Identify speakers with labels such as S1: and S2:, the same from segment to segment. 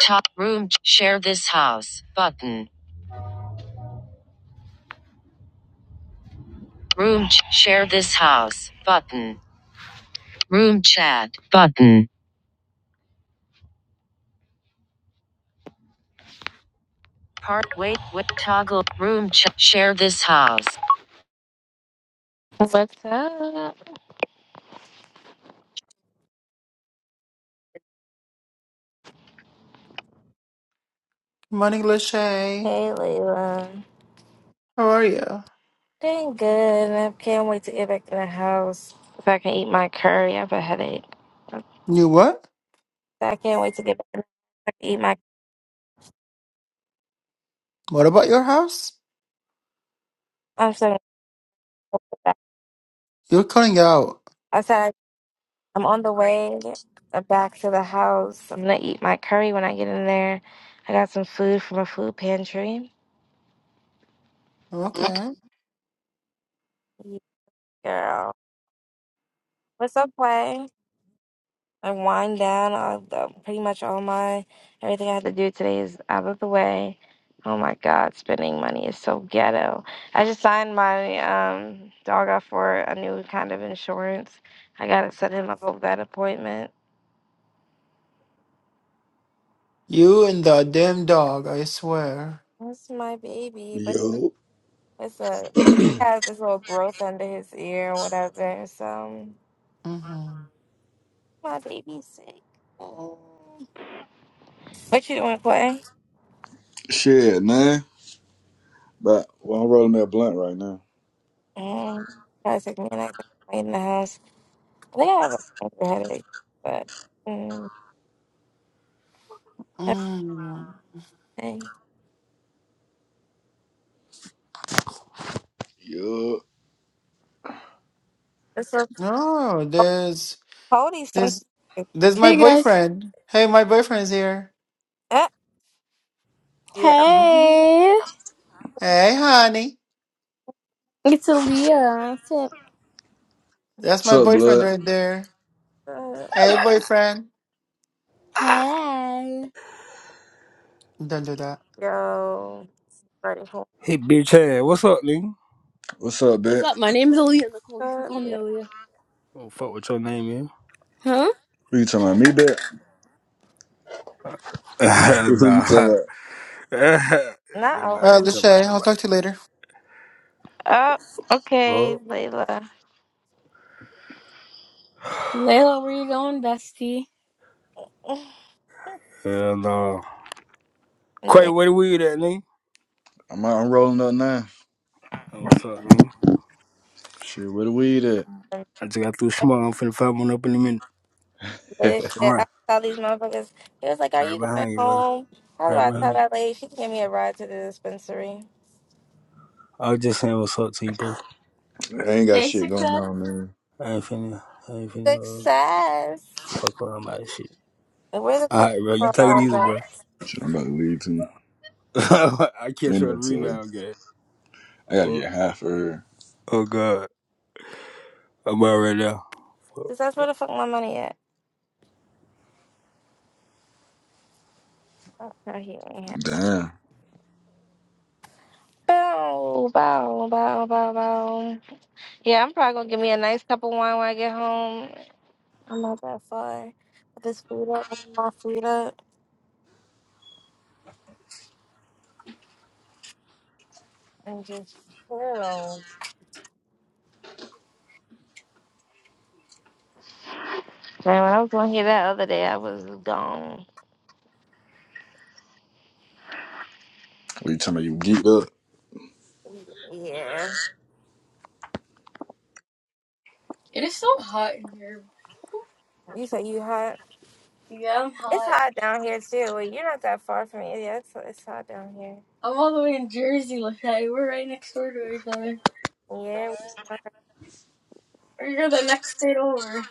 S1: Top room share this house button. Room share this house button. Room chat button. Part wait with toggle room ch- share this house.
S2: Morning, Lachey.
S1: Hey,
S2: How are you?
S1: thanks. If I can hurry up, I have a headache.
S2: You what?
S1: I can't wait to get back to eat my.
S2: What about your house?
S1: I'm so
S2: You're cutting out.
S1: I said I'm on the way back to the house. I'm gonna eat my curry when I get in there. I got some food from a food pantry.
S2: Okay.
S1: Yeah, Girl, what's up, Way? I wind down. I, uh, pretty much all my everything I had to do today is out of the way. Oh my God, spending money is so ghetto. I just signed my um, dog up for a new kind of insurance. I gotta set him up over that appointment.
S2: You and the damn dog, I swear.
S1: That's my baby, but
S3: Yo,
S1: it's a has this little growth under his ear or whatever. So
S2: Mm-hmm.
S1: my baby's sick. Oh. What you doing, Clay?
S3: shit, man. But well, I'm rolling that blunt right now.
S1: Mm, gotta take me a night in the house. I think I have a minor headache, but mm,
S2: Mm.
S1: everything.
S3: Yo,
S1: It's a
S2: No, there's
S1: Cody sometimes.
S2: there's there's my
S4: Hey guys.
S2: boyfriend. Hey, my boyfriend's here.
S1: Uh, yeah.
S2: hmm
S4: Hey.
S2: Hey, honey.
S4: It's Aaliyah. What's up?
S2: That's
S3: what's
S2: my
S3: up,
S2: boyfriend
S3: blood?
S2: right there.
S1: Uh,
S2: Hey, boyfriend.
S4: Hey.
S2: Don't do that.
S1: yo, ready home.
S5: Hey, bitch ass, what's up, nigga?
S3: What's up,
S4: What's
S3: bet?
S4: up? My name's Aaliyah Nicole. You can
S1: Uh,
S4: call me
S1: yeah.
S4: Aaliyah.
S5: I Don't fuck with your name,
S4: Huh?
S3: Who you talking about? Me, bet?
S5: man.
S3: Who you talking
S5: nah.
S3: about?
S1: Not
S5: nobody
S2: All
S1: always.
S2: right,
S5: ain't talking about
S2: Lachey, I'll
S5: nobody.
S2: talk to you later.
S1: Oh, okay,
S5: Well,
S1: Layla.
S4: Layla, where you going, bestie?
S5: hell no. Quay,
S1: yeah.
S5: where the weed at, nigga?
S3: I'm out. I'm rolling up now.
S5: Oh, what's up, nigga?
S3: Shit, where the weed at?
S5: I just got through
S1: That's
S5: small. I'm finna find one up in a minute.
S1: good
S3: I
S5: All
S1: shit. I
S5: right.
S1: tell these motherfuckers. He was like, "Are
S5: Right
S1: you going
S5: behind you, bro.
S1: home?" How do
S5: Right
S1: I
S5: behind
S1: tell
S5: you.
S1: that lady? She can give me a ride to the dispensary.
S5: I was just saying what's up to you, bro.
S3: ain't got
S4: Hey,
S3: shit going
S4: success.
S3: on, man.
S5: I ain't finna, I ain't finna uh,
S1: Success.
S5: fuck around about this shit.
S1: Like, where the
S5: All
S1: fuck
S5: right,
S1: is
S5: bro. You
S1: twelve
S5: take it
S1: dollars
S5: easy,
S1: at?
S5: bro.
S3: Shit, I'm about to leave too.
S5: I catch
S3: Ain't
S5: you on
S3: no
S5: the
S3: telling.
S5: rebound game.
S3: I gotta
S5: Fuck.
S3: get high for her.
S5: Oh, God. I'm out right now.
S1: Success. Where the fuck my money at? Oh, no, he ain't here.
S3: Damn.
S1: Bow, bow, bow, bow, bow. Yeah, I'm probably gonna give me a nice cup of wine when I get home. I'm not that far. Put this food up, put my food up, and just chill. Man, when I was going here that other day, I was gone.
S3: What you talking about? You geeked up?
S1: Yeah.
S4: It is so hot in here.
S1: You say you hot.
S4: Yeah, I'm
S1: It's
S4: hot.
S1: hot down here too. Well, you're not that far from me. Yeah, it's, it's hot down here.
S4: I'm all the way in Jersey, Lachey. We're right next door to each other.
S1: Yeah, we are
S4: Or You're the next state over.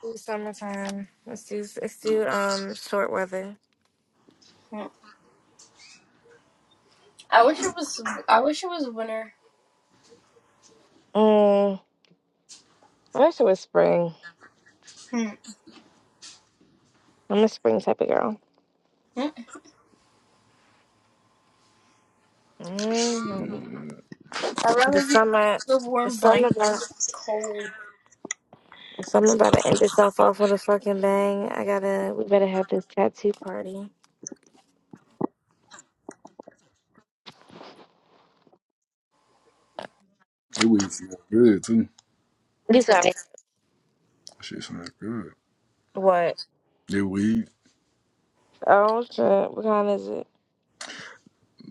S1: through summertime. Let's do let's do um short weather.
S4: Hmm. I wish it was. I wish it was winter.
S1: Mm, I wish it was spring.
S4: Hmm.
S1: I'm a spring type of girl.
S4: Hmm.
S1: mm
S3: Shit.
S4: I'd
S1: The
S4: rather be under
S1: summer,
S4: the
S1: the
S4: warm
S1: summer
S4: blanket,
S1: about,
S4: than cold.
S1: the summer about to end itself off with a fucking bang. I gotta, we better have this tattoo party.
S3: That weed smells good too.
S1: You sorry.
S3: Shit smells good.
S1: What?
S3: That weed.
S1: Oh shit! What kind is it?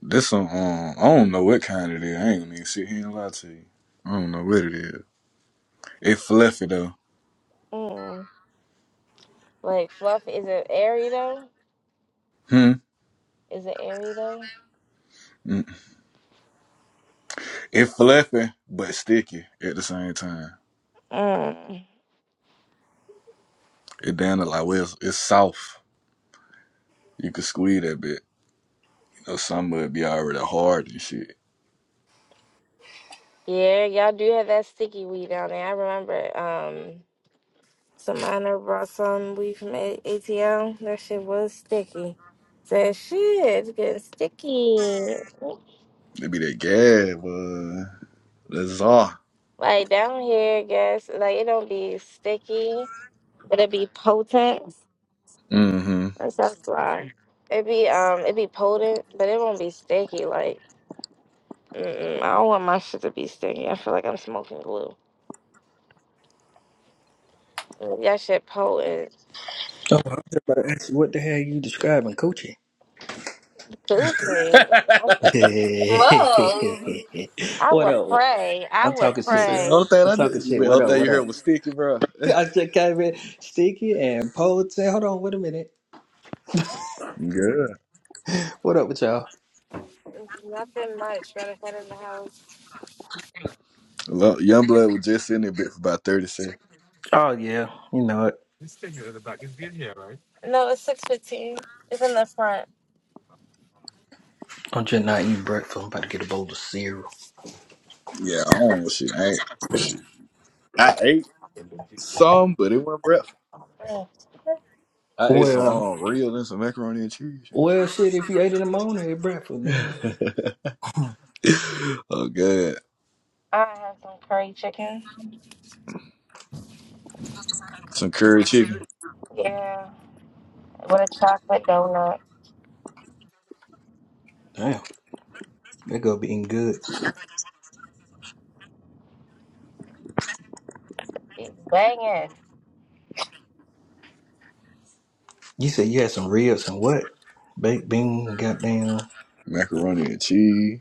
S3: This some, um, I don't know what kind it is. I ain't gonna even sit here and lie to you. I don't know what it is. It fluffy though.
S1: Mm. Like fluff? Is it airy though?
S3: Hmm.
S1: Is it airy though?
S3: Mm. It fluffy but sticky at the same time.
S1: Mm.
S3: It down to like well, it's, it's soft. You can squeeze that bit. You know, some of it be already hard and shit.
S1: Yeah, y'all do have that sticky weed down there. I remember. Um, some minor brought some weed from A- ATL. That shit was sticky. Said shit, it's getting sticky.
S3: It be that gag, but that's all.
S1: Like down here, I guess, like it don't be sticky, but it be potent.
S3: Mm-hmm.
S1: That's that's why. It be um, it be potent, but it won't be sticky. Like, mm-mm, I don't want my shit to be sticky. I feel like I'm smoking glue. That shit potent.
S6: Oh, I was just about to ask you what the hell you describing coaching?
S1: Coochie.
S4: Whoa.
S1: I
S6: what
S1: would
S6: up?
S1: pray. I
S6: I'm
S1: would
S6: talking shit.
S3: So the
S1: pray.
S3: only thing
S6: I'm
S3: I
S6: talking
S3: did,
S6: shit.
S3: the
S6: What
S3: only
S6: up?
S3: thing
S6: What
S3: you
S6: up?
S3: heard was sticky, bro.
S6: I just came in sticky and potent. Hold on, wait a minute.
S3: Good.
S6: What up with y'all?
S1: Nothing much. Better head in the house.
S3: Young blood was just in there bit for about thirty seconds.
S6: Oh yeah, you know it.
S1: No, it's six fifteen. It's in the front.
S6: I'm just not eating breakfast. I'm about to get a bowl of cereal.
S3: Yeah, I don't know shit. I ain't shit. I ate. Some, but it wasn't breakfast.
S1: Mm.
S3: I ate some
S6: Well,
S3: um real and some macaroni and cheese.
S6: well, shit. If you ate in the morning at breakfast, nigga,
S3: oh god.
S1: I had some curry chicken.
S3: Some curry chicken,
S1: Yeah, with a chocolate donut.
S6: damn, that gonna be eating good.
S1: It's banging.
S6: You said you had some ribs and what? Baked bean, goddamn.
S3: macaroni and cheese.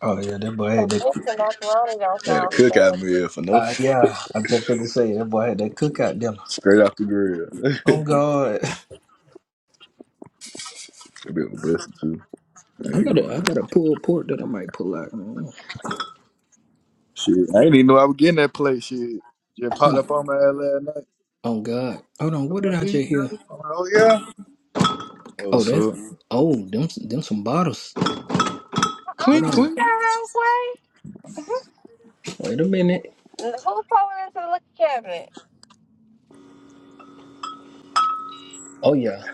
S6: Oh yeah, that boy
S1: So
S6: had that.
S1: mixed and macaroni don't
S3: Had a
S1: sound so
S3: cookout
S1: good.
S3: meal for
S6: Uh,
S3: nothing.
S6: yeah, I just going to say that boy had that cookout dinner.
S3: Straight out the grill.
S6: Oh God,
S3: That bit was busting too. I
S6: I
S3: ain't gonna
S6: gotta, I
S3: lie.
S6: gotta pull a pork that I might pull out. Mm.
S3: Shit. I ain't even know I was getting that plate shit. Just
S6: Hold
S3: popped
S6: on.
S3: up on my ass last night.
S6: Oh God, hold on.
S3: I'm
S6: What did
S3: like,
S6: I
S3: here you
S6: just
S3: go.
S6: hear?
S3: I'm like, oh yeah. That
S6: Oh,
S3: was
S6: that's
S3: up.
S6: oh them, them some bottles. Hold
S3: Clink
S1: Uh-uh,
S6: on.
S1: what the
S3: clink.
S1: hell, Quay?
S6: Wait a minute.
S1: N- Who falling into the liquor cabinet?
S6: Oh yeah,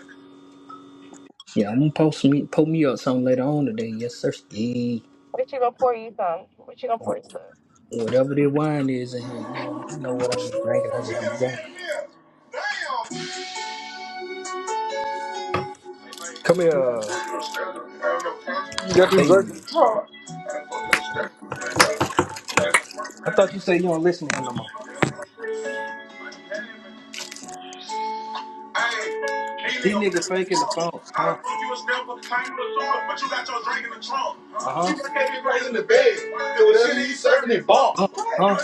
S6: yeah. I'm gonna post me, post me up some later on today. Yes, sir. Yeah.
S1: What you gonna pour you some? What you gonna pour you some?
S6: Whatever the wine is in here, you know, I know what I've been drinking. I just be drinking. Come here.
S3: You got them
S6: Hey,
S3: jerky.
S6: I thought you said you don't listen to him no more. These nigga faking the phone, huh? Uh huh.
S3: People can't be raising the bed. They was shit he's serving in bomb.
S6: Huh? Huh?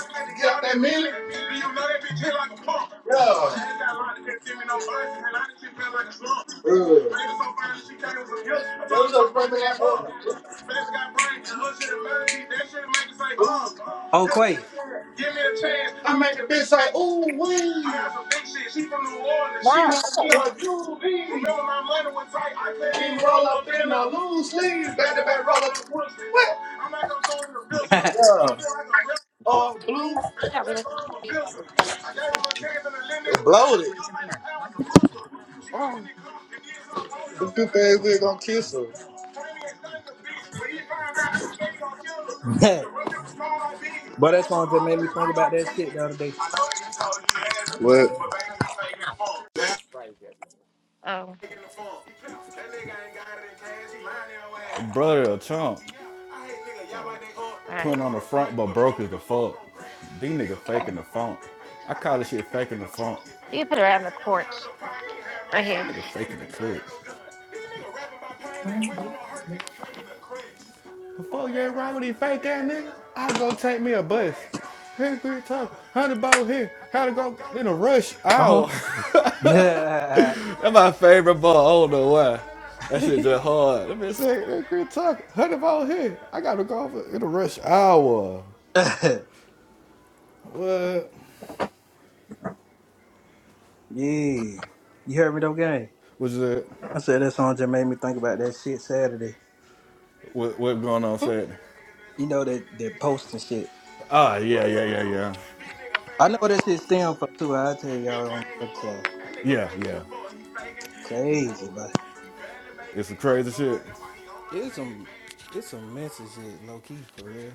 S3: That meal? Good.
S6: Oh, Quay.
S3: I make a bitch say, ooh, wee. I
S1: Not, oh,
S3: be
S1: we're
S3: juvie. loose sleeve. Oh, blue.
S1: not really.
S3: Bloated.
S1: Oh,
S3: The stupid ass nigga gonna kiss her.
S6: but that song just made me think about that shit the other day.
S3: What?
S1: oh, all
S3: Brother of Trump.
S1: right.
S3: putting on the front, but broke as the fuck. These niggas faking the funk. I call this shit faking the funk.
S1: You can put it out on the porch. Right here.
S3: Nigga faking the clip. The fuck you ain't right with these fake ass niggas? I go take me a bus. Here, here, talk. Hundred ball here. How to go in a rush
S6: Uh-huh.
S3: hour.
S6: yeah.
S3: That's my favorite ball. I don't know why. That shit just hard. Let me say, that great talk. Hundred ball here. I gotta go over in a rush hour. What?
S6: You heard me though, gang?
S3: What's that?
S6: I said that song just made me think about that shit Saturday.
S3: What, what going on Saturday?
S6: You know that that post and shit.
S3: Ah, yeah, yeah,
S6: I know what that shit stem from too. i tell y'all on the other Crazy, but
S3: It's some crazy shit.
S6: it's some it's some messy shit, low key for real.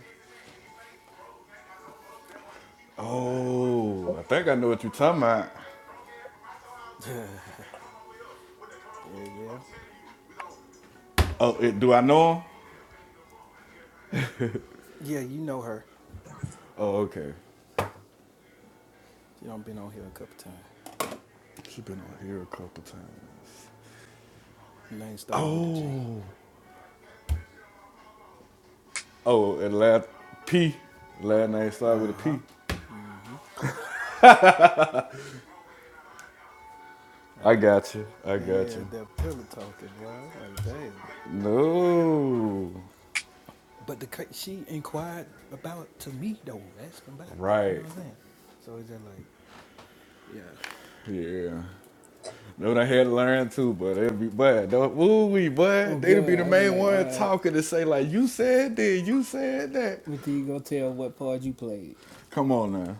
S3: Oh, I think I know what you're talking about.
S6: yeah, yeah.
S3: Oh, it, do I know him?
S6: Yeah, you know her.
S3: Oh, okay.
S6: She done been on here a couple times.
S3: She been on here a couple times.
S6: Name start with a J.
S3: Oh, oh, and last P, last name start with a
S6: Uh-huh.
S3: P.
S6: Mm-hmm.
S3: I got you. I got
S6: Yeah,
S3: you.
S6: that pillow talking, boy. I was Like, damn.
S3: No,
S6: But the cra- she inquired about to me though, asking about, you know
S3: right.
S6: what I'm saying? So it's just like, yeah.
S3: Yeah. Know what I had to learn too, but it'd be but woo wee
S6: Oh
S3: but they'd be the
S6: God, I was
S3: main
S6: like, all
S3: one
S6: right,
S3: talking to say like you said this, you said that.
S6: what you gonna tell what part you played?
S3: Come on now.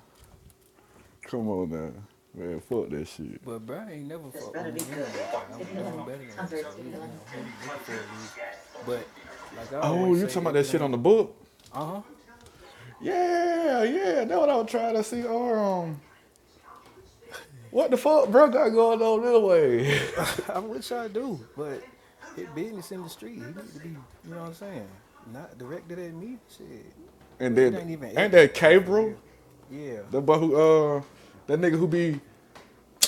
S3: Come on now. Man, fuck that shit.
S6: But bro ain't never fucked with me anyway, cause I was doing better than him. So he, you know, he was looking for a reason. But like I
S3: Oh,
S6: always
S3: you talking
S6: say,
S3: about
S6: if
S3: that
S6: it
S3: shit on
S6: ain't,
S3: the book?
S6: uh
S3: Yeah, yeah, that's what I was trying to see. Or, um, what the fuck, bro, got going on this way?
S6: huh, I wish I do. But his business in the street, he need to be, you know what I'm saying? Not directed at me. Shit,
S3: and
S6: Well, it
S3: then,
S6: ain't even
S3: ain't
S6: at me
S3: that
S6: to be for
S3: Cabral?
S6: real. Yeah.
S3: The boy who, uh, that nigga who be,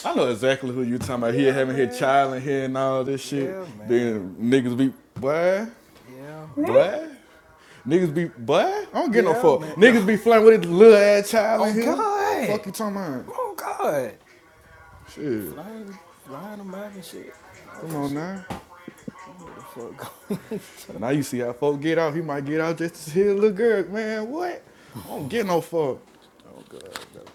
S3: I know exactly who you talking about. He
S6: Yeah,
S3: having his
S6: man.
S3: child in here and all this shit.
S6: Yeah, man.
S3: Then niggas be, boy,
S6: Yeah,
S4: Hmm.
S6: man.
S3: boy. Niggas be, boy, I don't get no
S6: Yeah,
S3: fuck.
S6: man.
S3: Niggas be flirting with his little ass child
S6: oh
S3: in here.
S6: God.
S3: Fuck you talking about?
S6: Oh God.
S3: Shit,
S6: Flying flying them out and shit. All
S3: come
S6: that
S3: on
S6: shit.
S3: now.
S6: I don't know what the fuck he's talking.
S3: Now you see how folk get out. He might get out just to see a little girl. Man, what? I don't get no fuck.
S6: Oh God, bro.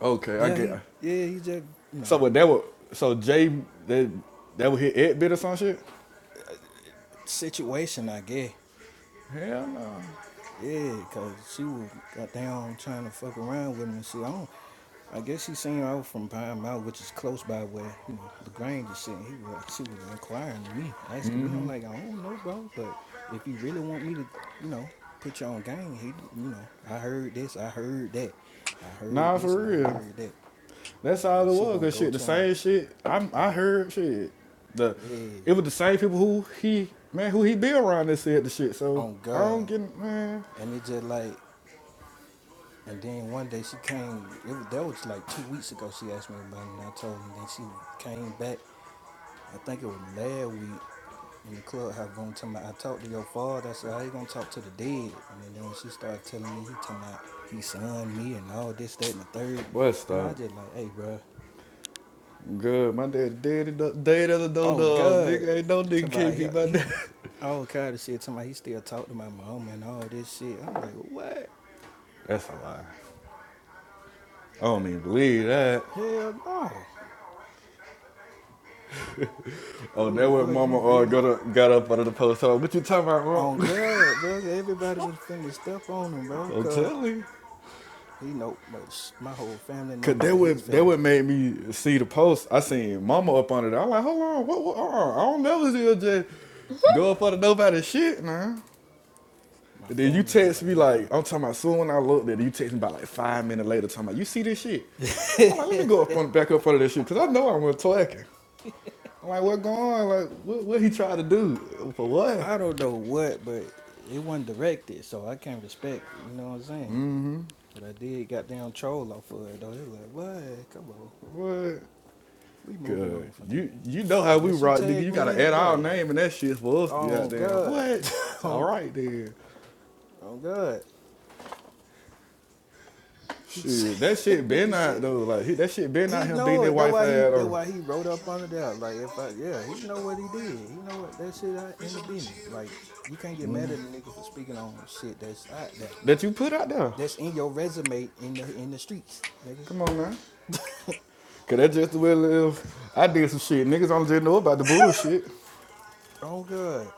S3: Okay, I
S6: Yeah,
S3: get.
S6: he yeah, he just you
S3: So
S6: know,
S3: what? That would. So Jay, that that would hit eight bit or some shit.
S6: situation I guess.
S3: Hell no.
S6: Yeah, cause she was goddamn trying to fuck around with him and shit. I don't I guess he seen I was from Pine Mountain, which is close by where, you know, LaGrange is sitting. He was like, she was inquiring to me, asking me. I'm like, I don't know, bro, but if you really want me to, you know, put you on game, he, you know, I heard this, I heard that, I heard
S3: Nah,
S6: this,
S3: for
S6: and I
S3: real.
S6: heard that.
S3: That's all
S6: And
S3: it
S6: she
S3: was.
S6: gonna
S3: Cause
S6: go
S3: shit, the
S6: to him,
S3: same shit. I I
S6: and
S3: heard shit. The
S6: yeah,
S3: it was the same people who he man who he be around that said the shit. So
S6: on
S3: I don't
S6: God.
S3: get man.
S6: And it just like, and then one day she came, it was, that was like two weeks ago, she asked me about it, and I told her, and then she came back, I think it was last week, in the club her room talking about I talked to your father. I said, How you gonna talk to the dead? And then, then when she started telling me he talking about he son me and all this, that, and the third,
S3: But
S6: and I
S3: stop.
S6: just like, hey bro,
S3: Good. My dad dead. Dead as a dog.
S6: oh God.
S3: Nigga ain't no
S6: He
S3: nigga
S6: talking about
S3: can't
S6: he,
S3: be my
S6: he
S3: dad.
S6: all kind of shit talking about he still talk to my mama and all this shit. I'm like, what?
S3: That's a lie. I don't even believe that.
S6: Hell no.
S3: Oh,
S6: They're
S3: that
S6: like,
S3: what
S6: boy, if
S3: mama
S6: you
S3: uh,
S6: really
S3: got up, got up out of the post. Oh, what you talking about,
S6: on
S3: mom?
S6: God, bro, everybody was finna step on him, bro,
S3: I'm
S6: cause
S3: telling you.
S6: he know my, my whole family know
S3: Cause that
S6: about his
S3: what that
S6: family.
S3: what made me see the post. I seen mama up under there. I'm like, hold on, what? what uh, I don't never see her just go up under nobody's shit, man.
S6: My
S3: And then you
S6: family know
S3: text
S6: about
S3: me
S6: his
S3: like, I'm talking about soon when I looked at it, you text me about like five minutes later talking about you see this shit. I'm
S6: family.
S3: like, let me go up on back up under this shit, cause I know I'm gonna twerking. I'm like, what going on? Like, what what he tried to do? For what?
S6: I don't know what, but it wasn't directed, so I can't respect it. You know what I'm saying? But I did goddamn troll off of it though. It was like, boy, come on,
S3: What?
S6: we moving
S3: Good.
S6: on from
S3: You
S6: that.
S3: you know how we
S6: Unless you
S3: rock, nigga.
S6: tag
S3: You
S6: me
S3: gotta
S6: in
S3: add
S6: it,
S3: our
S6: boy.
S3: name and that shit for us to
S6: Oh
S3: goddamn
S6: God,
S3: what? All
S6: oh,
S3: right then.
S6: oh God. He
S3: Shit, that
S6: said,
S3: shit
S6: nigga
S3: been out
S6: said
S3: though. Like he- that shit been out
S6: he
S3: him beating
S6: know
S3: that
S6: it. That
S3: wife
S6: why he
S3: ass
S6: that
S3: or
S6: why he wrote up under there. Like if I yeah, he know what he did. He know what that shit out in the business. Like you can't get mad at a nigga for speaking on shit that's out there.
S3: that you put out there.
S6: That's in your resume in the in the streets, nigga.
S3: Come on now. Cause that's just the way it is. I did some shit. Niggas only just know about the bullshit.
S6: Oh good.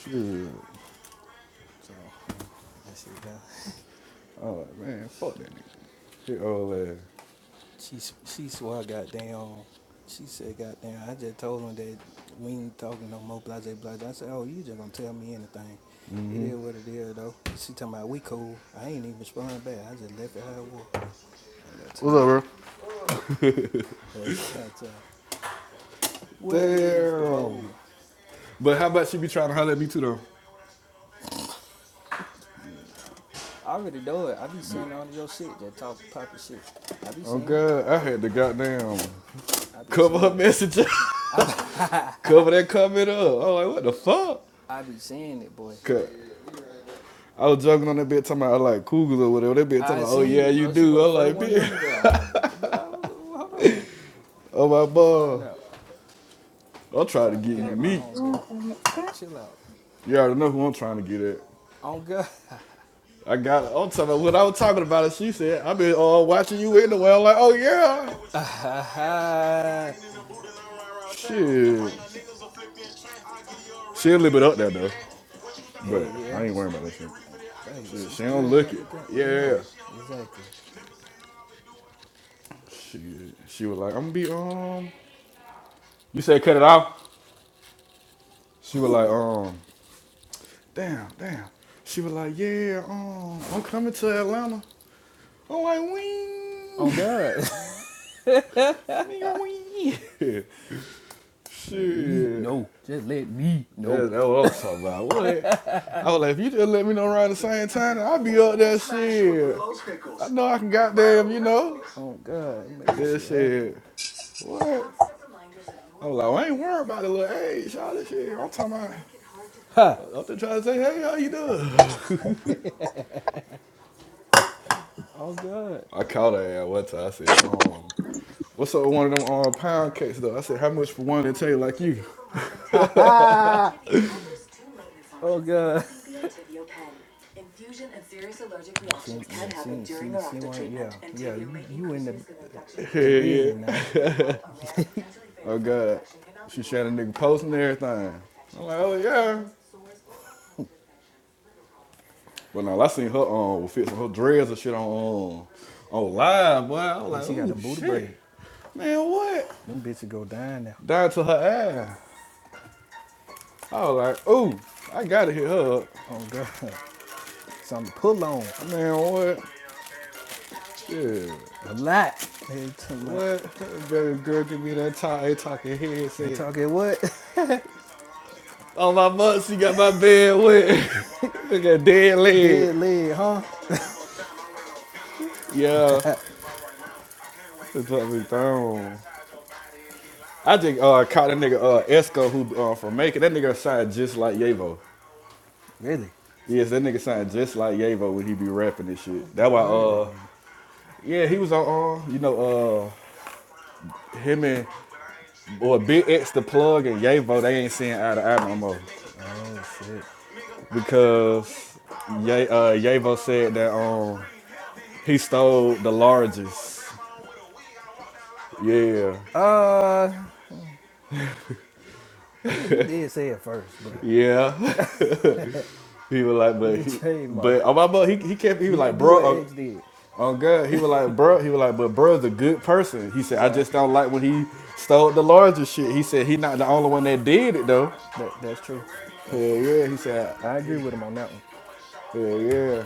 S3: Shit.
S6: So I see that
S3: Oh man, fuck that nigga. Hit old ass.
S6: she she swore goddamn. She said goddamn. I just told him that we ain't talking no more. Blase blase. I said oh you just gonna tell me anything. It is what it is though. She talking about we cool. I ain't even respond back. I just left it how it was. I ain't got
S3: What's up,
S6: time.
S3: bro?
S6: I ain't got time. What is the
S3: Damn.
S6: bowl?
S3: But how about she be trying to holler at me too though?
S6: I already know it. I be seeing all of your shit that talk poppin' shit. I be
S3: Oh
S6: seeing it.
S3: god, I had the goddamn.
S6: I be
S3: cover her
S6: seeing it, boy.
S3: message up,
S6: I be,
S3: cover that comment up. I'm like, what the fuck?
S6: I be seeing it, boy.
S3: 'Cause I was joking on that bitch talking about I like cougars or whatever. That bitch talking
S6: I
S3: about, oh
S6: seen
S3: yeah,
S6: it,
S3: you
S6: bro. She was
S3: do.
S6: the
S3: I'm
S6: first
S3: like,
S6: one
S3: bitch,
S6: under there. I was, bro, I was- hold on.
S3: oh my
S6: Let me
S3: boy,
S6: find out.
S3: I'm
S6: I'm
S3: trying to
S6: trying to
S3: get
S6: get at my
S3: unique.
S6: homeboy.
S4: Hmm.
S6: Like, chill out.
S3: You already know who I'm trying to get at.
S6: On God.
S3: I got. it. I'm talking about what I was talking about. And she said, I've been uh, watching you anyway. I'm like, oh yeah,
S6: Hell
S3: shit. She'll live it up there though, but
S6: yeah.
S3: I ain't worrying
S6: She,
S3: about that shit.
S6: hey,
S3: Shit,
S6: she
S3: she don't
S6: still
S3: look
S6: got
S3: it.
S6: the got
S3: Yeah.
S6: no. Exactly.
S3: Shit. She was like, I'm gonna be um. You said cut it off. She was like, um, damn, damn. She was like, yeah, um, I'm coming to Atlanta. I'm like,
S6: On
S3: wing,
S6: God.
S3: nigga, wing.
S6: let me
S3: Shit,
S6: know. Just let me
S3: that's
S6: know.
S3: that what I'm talking about. What? I was like, if you just let me know around the same time, I'll be up there. Shit, I know I can goddamn, you know,
S6: On God. make
S3: that
S6: some shit happen.
S3: shit. What? i was like, well, I ain't worried about the little age, all this shit. I'm talking about.
S6: Ha!
S3: I'm just trying to say, hey, how you doing?
S6: On God.
S3: I called her at one time. I said, um, What's up with one of them uh, pound cakes though? I said, how much for one that taste like you?
S6: Ha ha! Oh God. Yeah, she, yeah, she, she, she wanted, yeah, yeah. You, you in the The business now.
S3: and nigga posting everything. I'm like, oh yeah. But now I seen her um with fits on her dreads and shit on um, on live, boy. I was
S6: yeah,
S3: like,
S6: she got
S3: oh
S6: them booty
S3: shit.
S6: braid.
S3: Man, what?
S6: Them bitches go down now.
S3: Down to her ass. I was like, ooh, I gotta hit her up.
S6: Oh God, something to pull on
S3: Man, what? Shit.
S6: a lot. They talking about-
S3: What? Baby girl, give me that top A talking
S6: they
S3: headset.
S6: talking what?
S3: On my butt, she got my bed wet. Look at dead leg.
S6: Dead leg, huh?
S3: Yeah. It's probably thrown. I just uh, caught that nigga uh, Esco who uh, from Macon. That nigga sound just like Yavo.
S6: Really?
S3: Yes, that nigga sound just like Yavo when he be rapping this
S6: I
S3: shit.
S6: don't
S3: That
S6: think I
S3: why
S6: heard that
S3: uh
S6: nigga.
S3: yeah he was on uh, you know uh him and or Big X the plug and Yavo they ain't seeing eye to eye no more
S6: Oh shit.
S3: because Ye- uh, Yavo said that um he stole the largest. Yeah,
S6: Uh, I mean, he did say it first, but
S3: yeah. he was like,
S6: you
S3: but
S6: did
S3: he, but
S6: trademark it.
S3: oh my mother, he he kept he was
S6: You
S3: like,
S6: didn't do what
S3: bro, uh,
S6: X did.
S3: Oh God, he was like, bro, he was like, but bro's a good person. He said, I
S6: Yeah,
S3: just don't like when he stole the larger shit. He said he not the only one that did it though.
S6: that that's true.
S3: Hell
S6: That's true.
S3: yeah, he said,
S6: I agree with him on that one.
S3: hell yeah.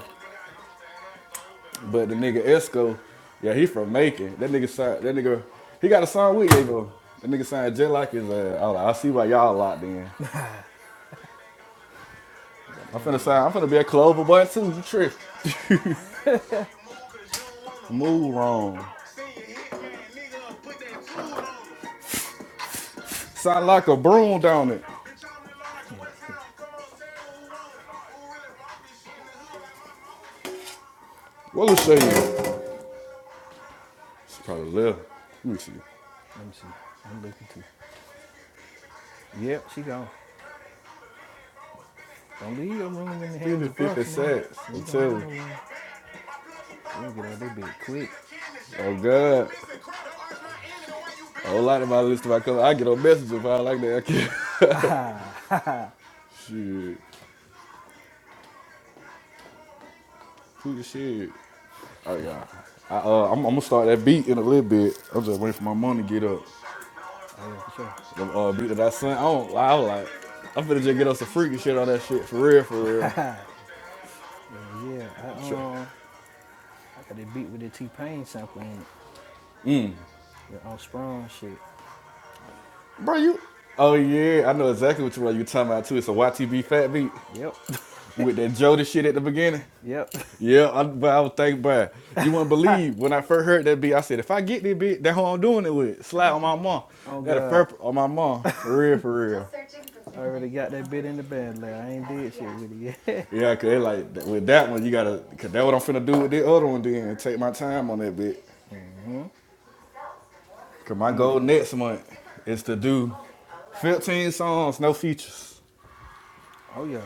S3: But the nigga Esco, yeah, he from Macon. That nigga signed, that nigga, he got a song with Yabo. That nigga signed just like his uh, I, was like, I see why y'all locked in.
S6: I gotta
S3: I'm
S6: hear
S3: finna
S6: that
S3: sign, I'm finna be a clover boy too. You trick. Move wrong. Sound like a broom down it.
S6: nigga.
S3: What'll show you? It's probably left. Let me see.
S6: Let me see. I'm looking too. Yep, she gone. Don't leave your room in the
S3: Fifty
S6: hands of
S3: fifty 50
S6: us, nigga.
S3: sacks.
S6: You
S3: I'm
S6: ain't gonna
S3: telling
S6: have
S3: you.
S6: no room. We're get out that bed quick.
S3: Oh God, a whole lot of my list of my color. I get on message if I like that. I can't.
S6: Ah, ha, ha.
S3: shit, who the shit? Oh yeah, I, uh, I'm, I'm gonna start that beat in a little bit. I'm just waiting for my mom to get up.
S6: Oh, yeah, for sure.
S3: The uh, beat that I sent, I don't lie. I was like, I'm finna just get us some freaky shit on that shit for real, for real.
S6: yeah, yeah. I,
S3: Tr-
S6: um, I got that beat with the T-Pain sample in it. Yeah, on Sprung shit.
S3: Bro, you? Oh yeah, I know exactly what you are. You talking about too? It's a YTB fat beat
S6: Yep.
S3: with that Jody shit at the beginning.
S6: yep.
S3: Yeah, I, but I was thinking, but you wouldn't believe when I first heard that beat. I said, if I get this beat, that's who I'm doing it with. Slap on my mom.
S6: oh,
S3: That a
S6: God.
S3: fur on my mom, for real, for real.
S6: I already got that bit in the band lab. I ain't did shit with it yet.
S3: Yeah, cause it like with that one, you gotta, cause that what I'm finna do with the other one. Then take my time on that bit.
S6: hmm
S3: Cause my goal
S6: Real.
S3: next month is to do 15 songs, no features.
S6: Oh, yeah.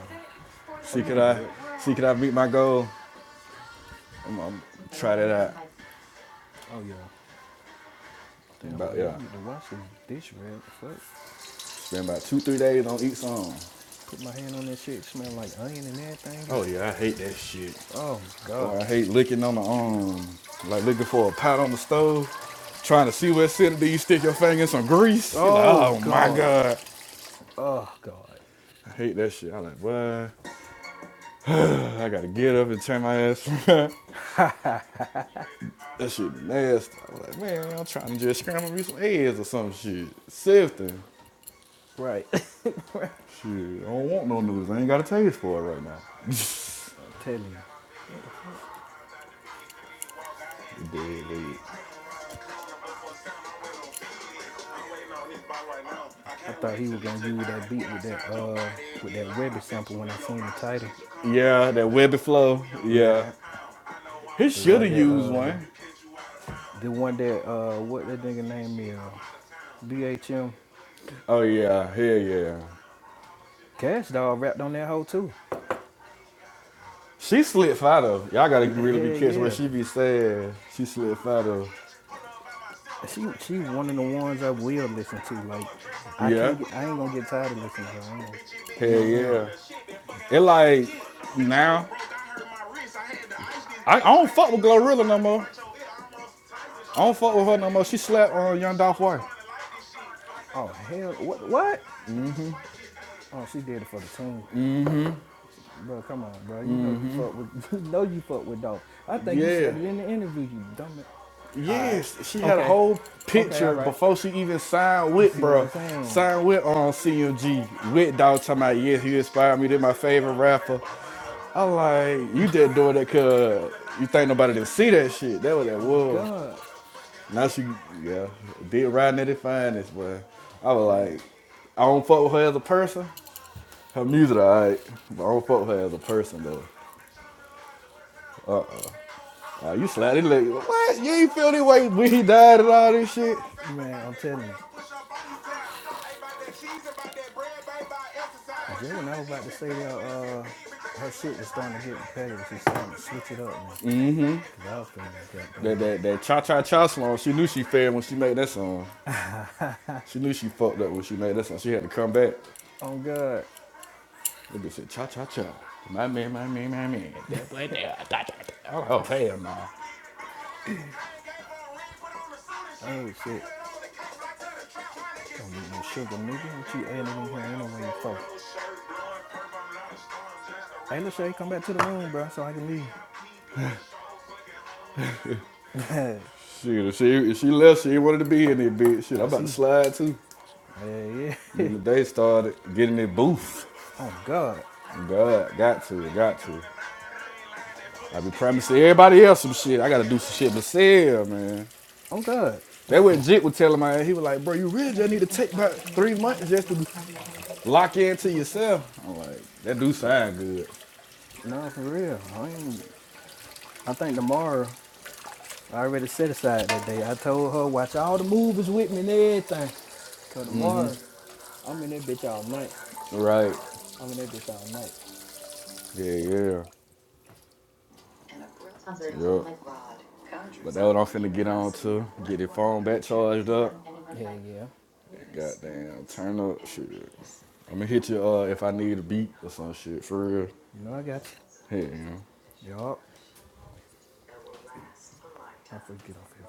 S6: Oh,
S3: See
S6: you
S3: could
S6: can
S3: I,
S6: do it.
S3: see could I meet my goal? I'm, gonna try that out.
S6: Oh, yeah. Damn,
S3: About
S6: boy,
S3: yeah,
S6: y'all need to watch this dish, red. Fuck.
S3: spend about two three days on each song.
S6: Put my hand on that shit. It smell like onion and everything. Yeah.
S3: Oh yeah, I hate that shit.
S6: Oh my god.
S3: Or I hate licking on the arm, like looking for a pot on the stove, trying to see what's sitting. Do you stick your finger in some grease? You're like,
S6: Oh
S3: oh my
S6: god.
S3: god,
S6: Oh god.
S3: I hate that shit. I'm like, what? I gotta get up and turn my ass. around. that shit nasty. I'm like, man, I'm trying to just scramble me some eggs or some shit, sifting.
S6: Right.
S3: Shit, I don't want no noodles. I ain't got a taste for it right now.
S6: I'm telling you. What the fuck?
S3: Dead leg.
S6: I thought he was gonna use that beat with that uh with that Webby sample when I seen the title.
S3: Yeah, that webby flow.
S6: Yeah.
S3: Yeah, he
S6: The
S3: should
S6: one
S3: have
S6: that
S3: used
S6: uh
S3: one.
S6: the one that uh what that nigga name is BHM
S3: Oh yeah, hell yeah.
S6: Cash Doll rapped on that hoe too.
S3: She slid fat though. Y'all gotta
S6: Yeah,
S3: really
S6: hell
S3: be careful what
S6: yeah.
S3: she be saying. She slid fat though.
S6: She she one of the ones I will listen to. Like I can't get I ain't gonna get tired of listening to her. I ain't gonna you
S3: Hell
S6: know what I'm saying?
S3: yeah. It like now. I, I don't fuck with Glorilla no more. I don't fuck with her no more. She slapped on uh, Young Dolph wife.
S6: Oh hell, what what? Oh, she did it for the team. Bro, come on, bro. You know you fuck with you know you fuck with Dolph. I think you
S3: Yeah.
S6: said it in the interview, you dumb it. Alright.
S3: Yes, she had a
S6: Okay.
S3: whole
S6: Okay, all
S3: picture
S6: right.
S3: before she even signed
S6: You
S3: with
S6: see what
S3: bruh.
S6: I'm saying?
S3: Signed with on CMG. With dog talking about yes, He inspired me. They're my favorite rapper. I am like you just doing that cause you think nobody didn't see that shit. That was that
S6: Oh
S3: was.
S6: God.
S3: Now she, yeah, did riding at it finest, but I was
S6: Man.
S3: like, I don't fuck with her as a person. Her music, alright, but I don't fuck with her as a person though. Uh, you slap it like, what? You ain't feel this way when he died and all this shit.
S6: Man, I'm telling you. Jill when I was about to say that uh her shit was starting to get repetitive. She's starting to switch it up now. Cause I was feeling
S3: That that that cha cha cha song. She knew she failed when she made that song.
S6: goddamn.
S3: She knew she fucked up when she made that song. She had to come back.
S6: oh God.
S3: That bitch said cha cha cha. My man, my man, my man. That boy there. Oh hell no. Nah.
S6: Oh shit. Don't need no sugar, nigga. What you adding in here anyway for? Hey, Lachey, come back to the room, bro, so I can leave. I
S3: Shit, if she if she left, she ain't wanted to be in there. bitch. Shit, I'm about to
S6: see.
S3: slide too.
S6: Yeah, yeah.
S3: Then the day started getting their booth.
S6: oh God.
S3: God, got to, got to. I be promising everybody else some shit. I gotta do some shit myself, man.
S6: Oh God.
S3: That what Jit was telling my ass. he was like, bro, you really just need to take about three months just to lock into yourself. I'm like, that do
S6: Yeah.
S3: sound good.
S6: No, for real. I ain't. I think tomorrow. I already set aside that day. I told her watch all the movies with me and everything. Cause tomorrow I'm in that bitch all night.
S3: Right.
S6: I'm in that bitch all night.
S3: Yeah, yeah. But that what I'm finna get on to. Get your phone back charged up.
S6: Yeah, yeah.
S3: Goddamn, turn up shit. I'ma hit you uh if I need a beat or some shit for real.
S6: You know I got
S3: Hell Yeah.
S6: you. Yup. I forget off here.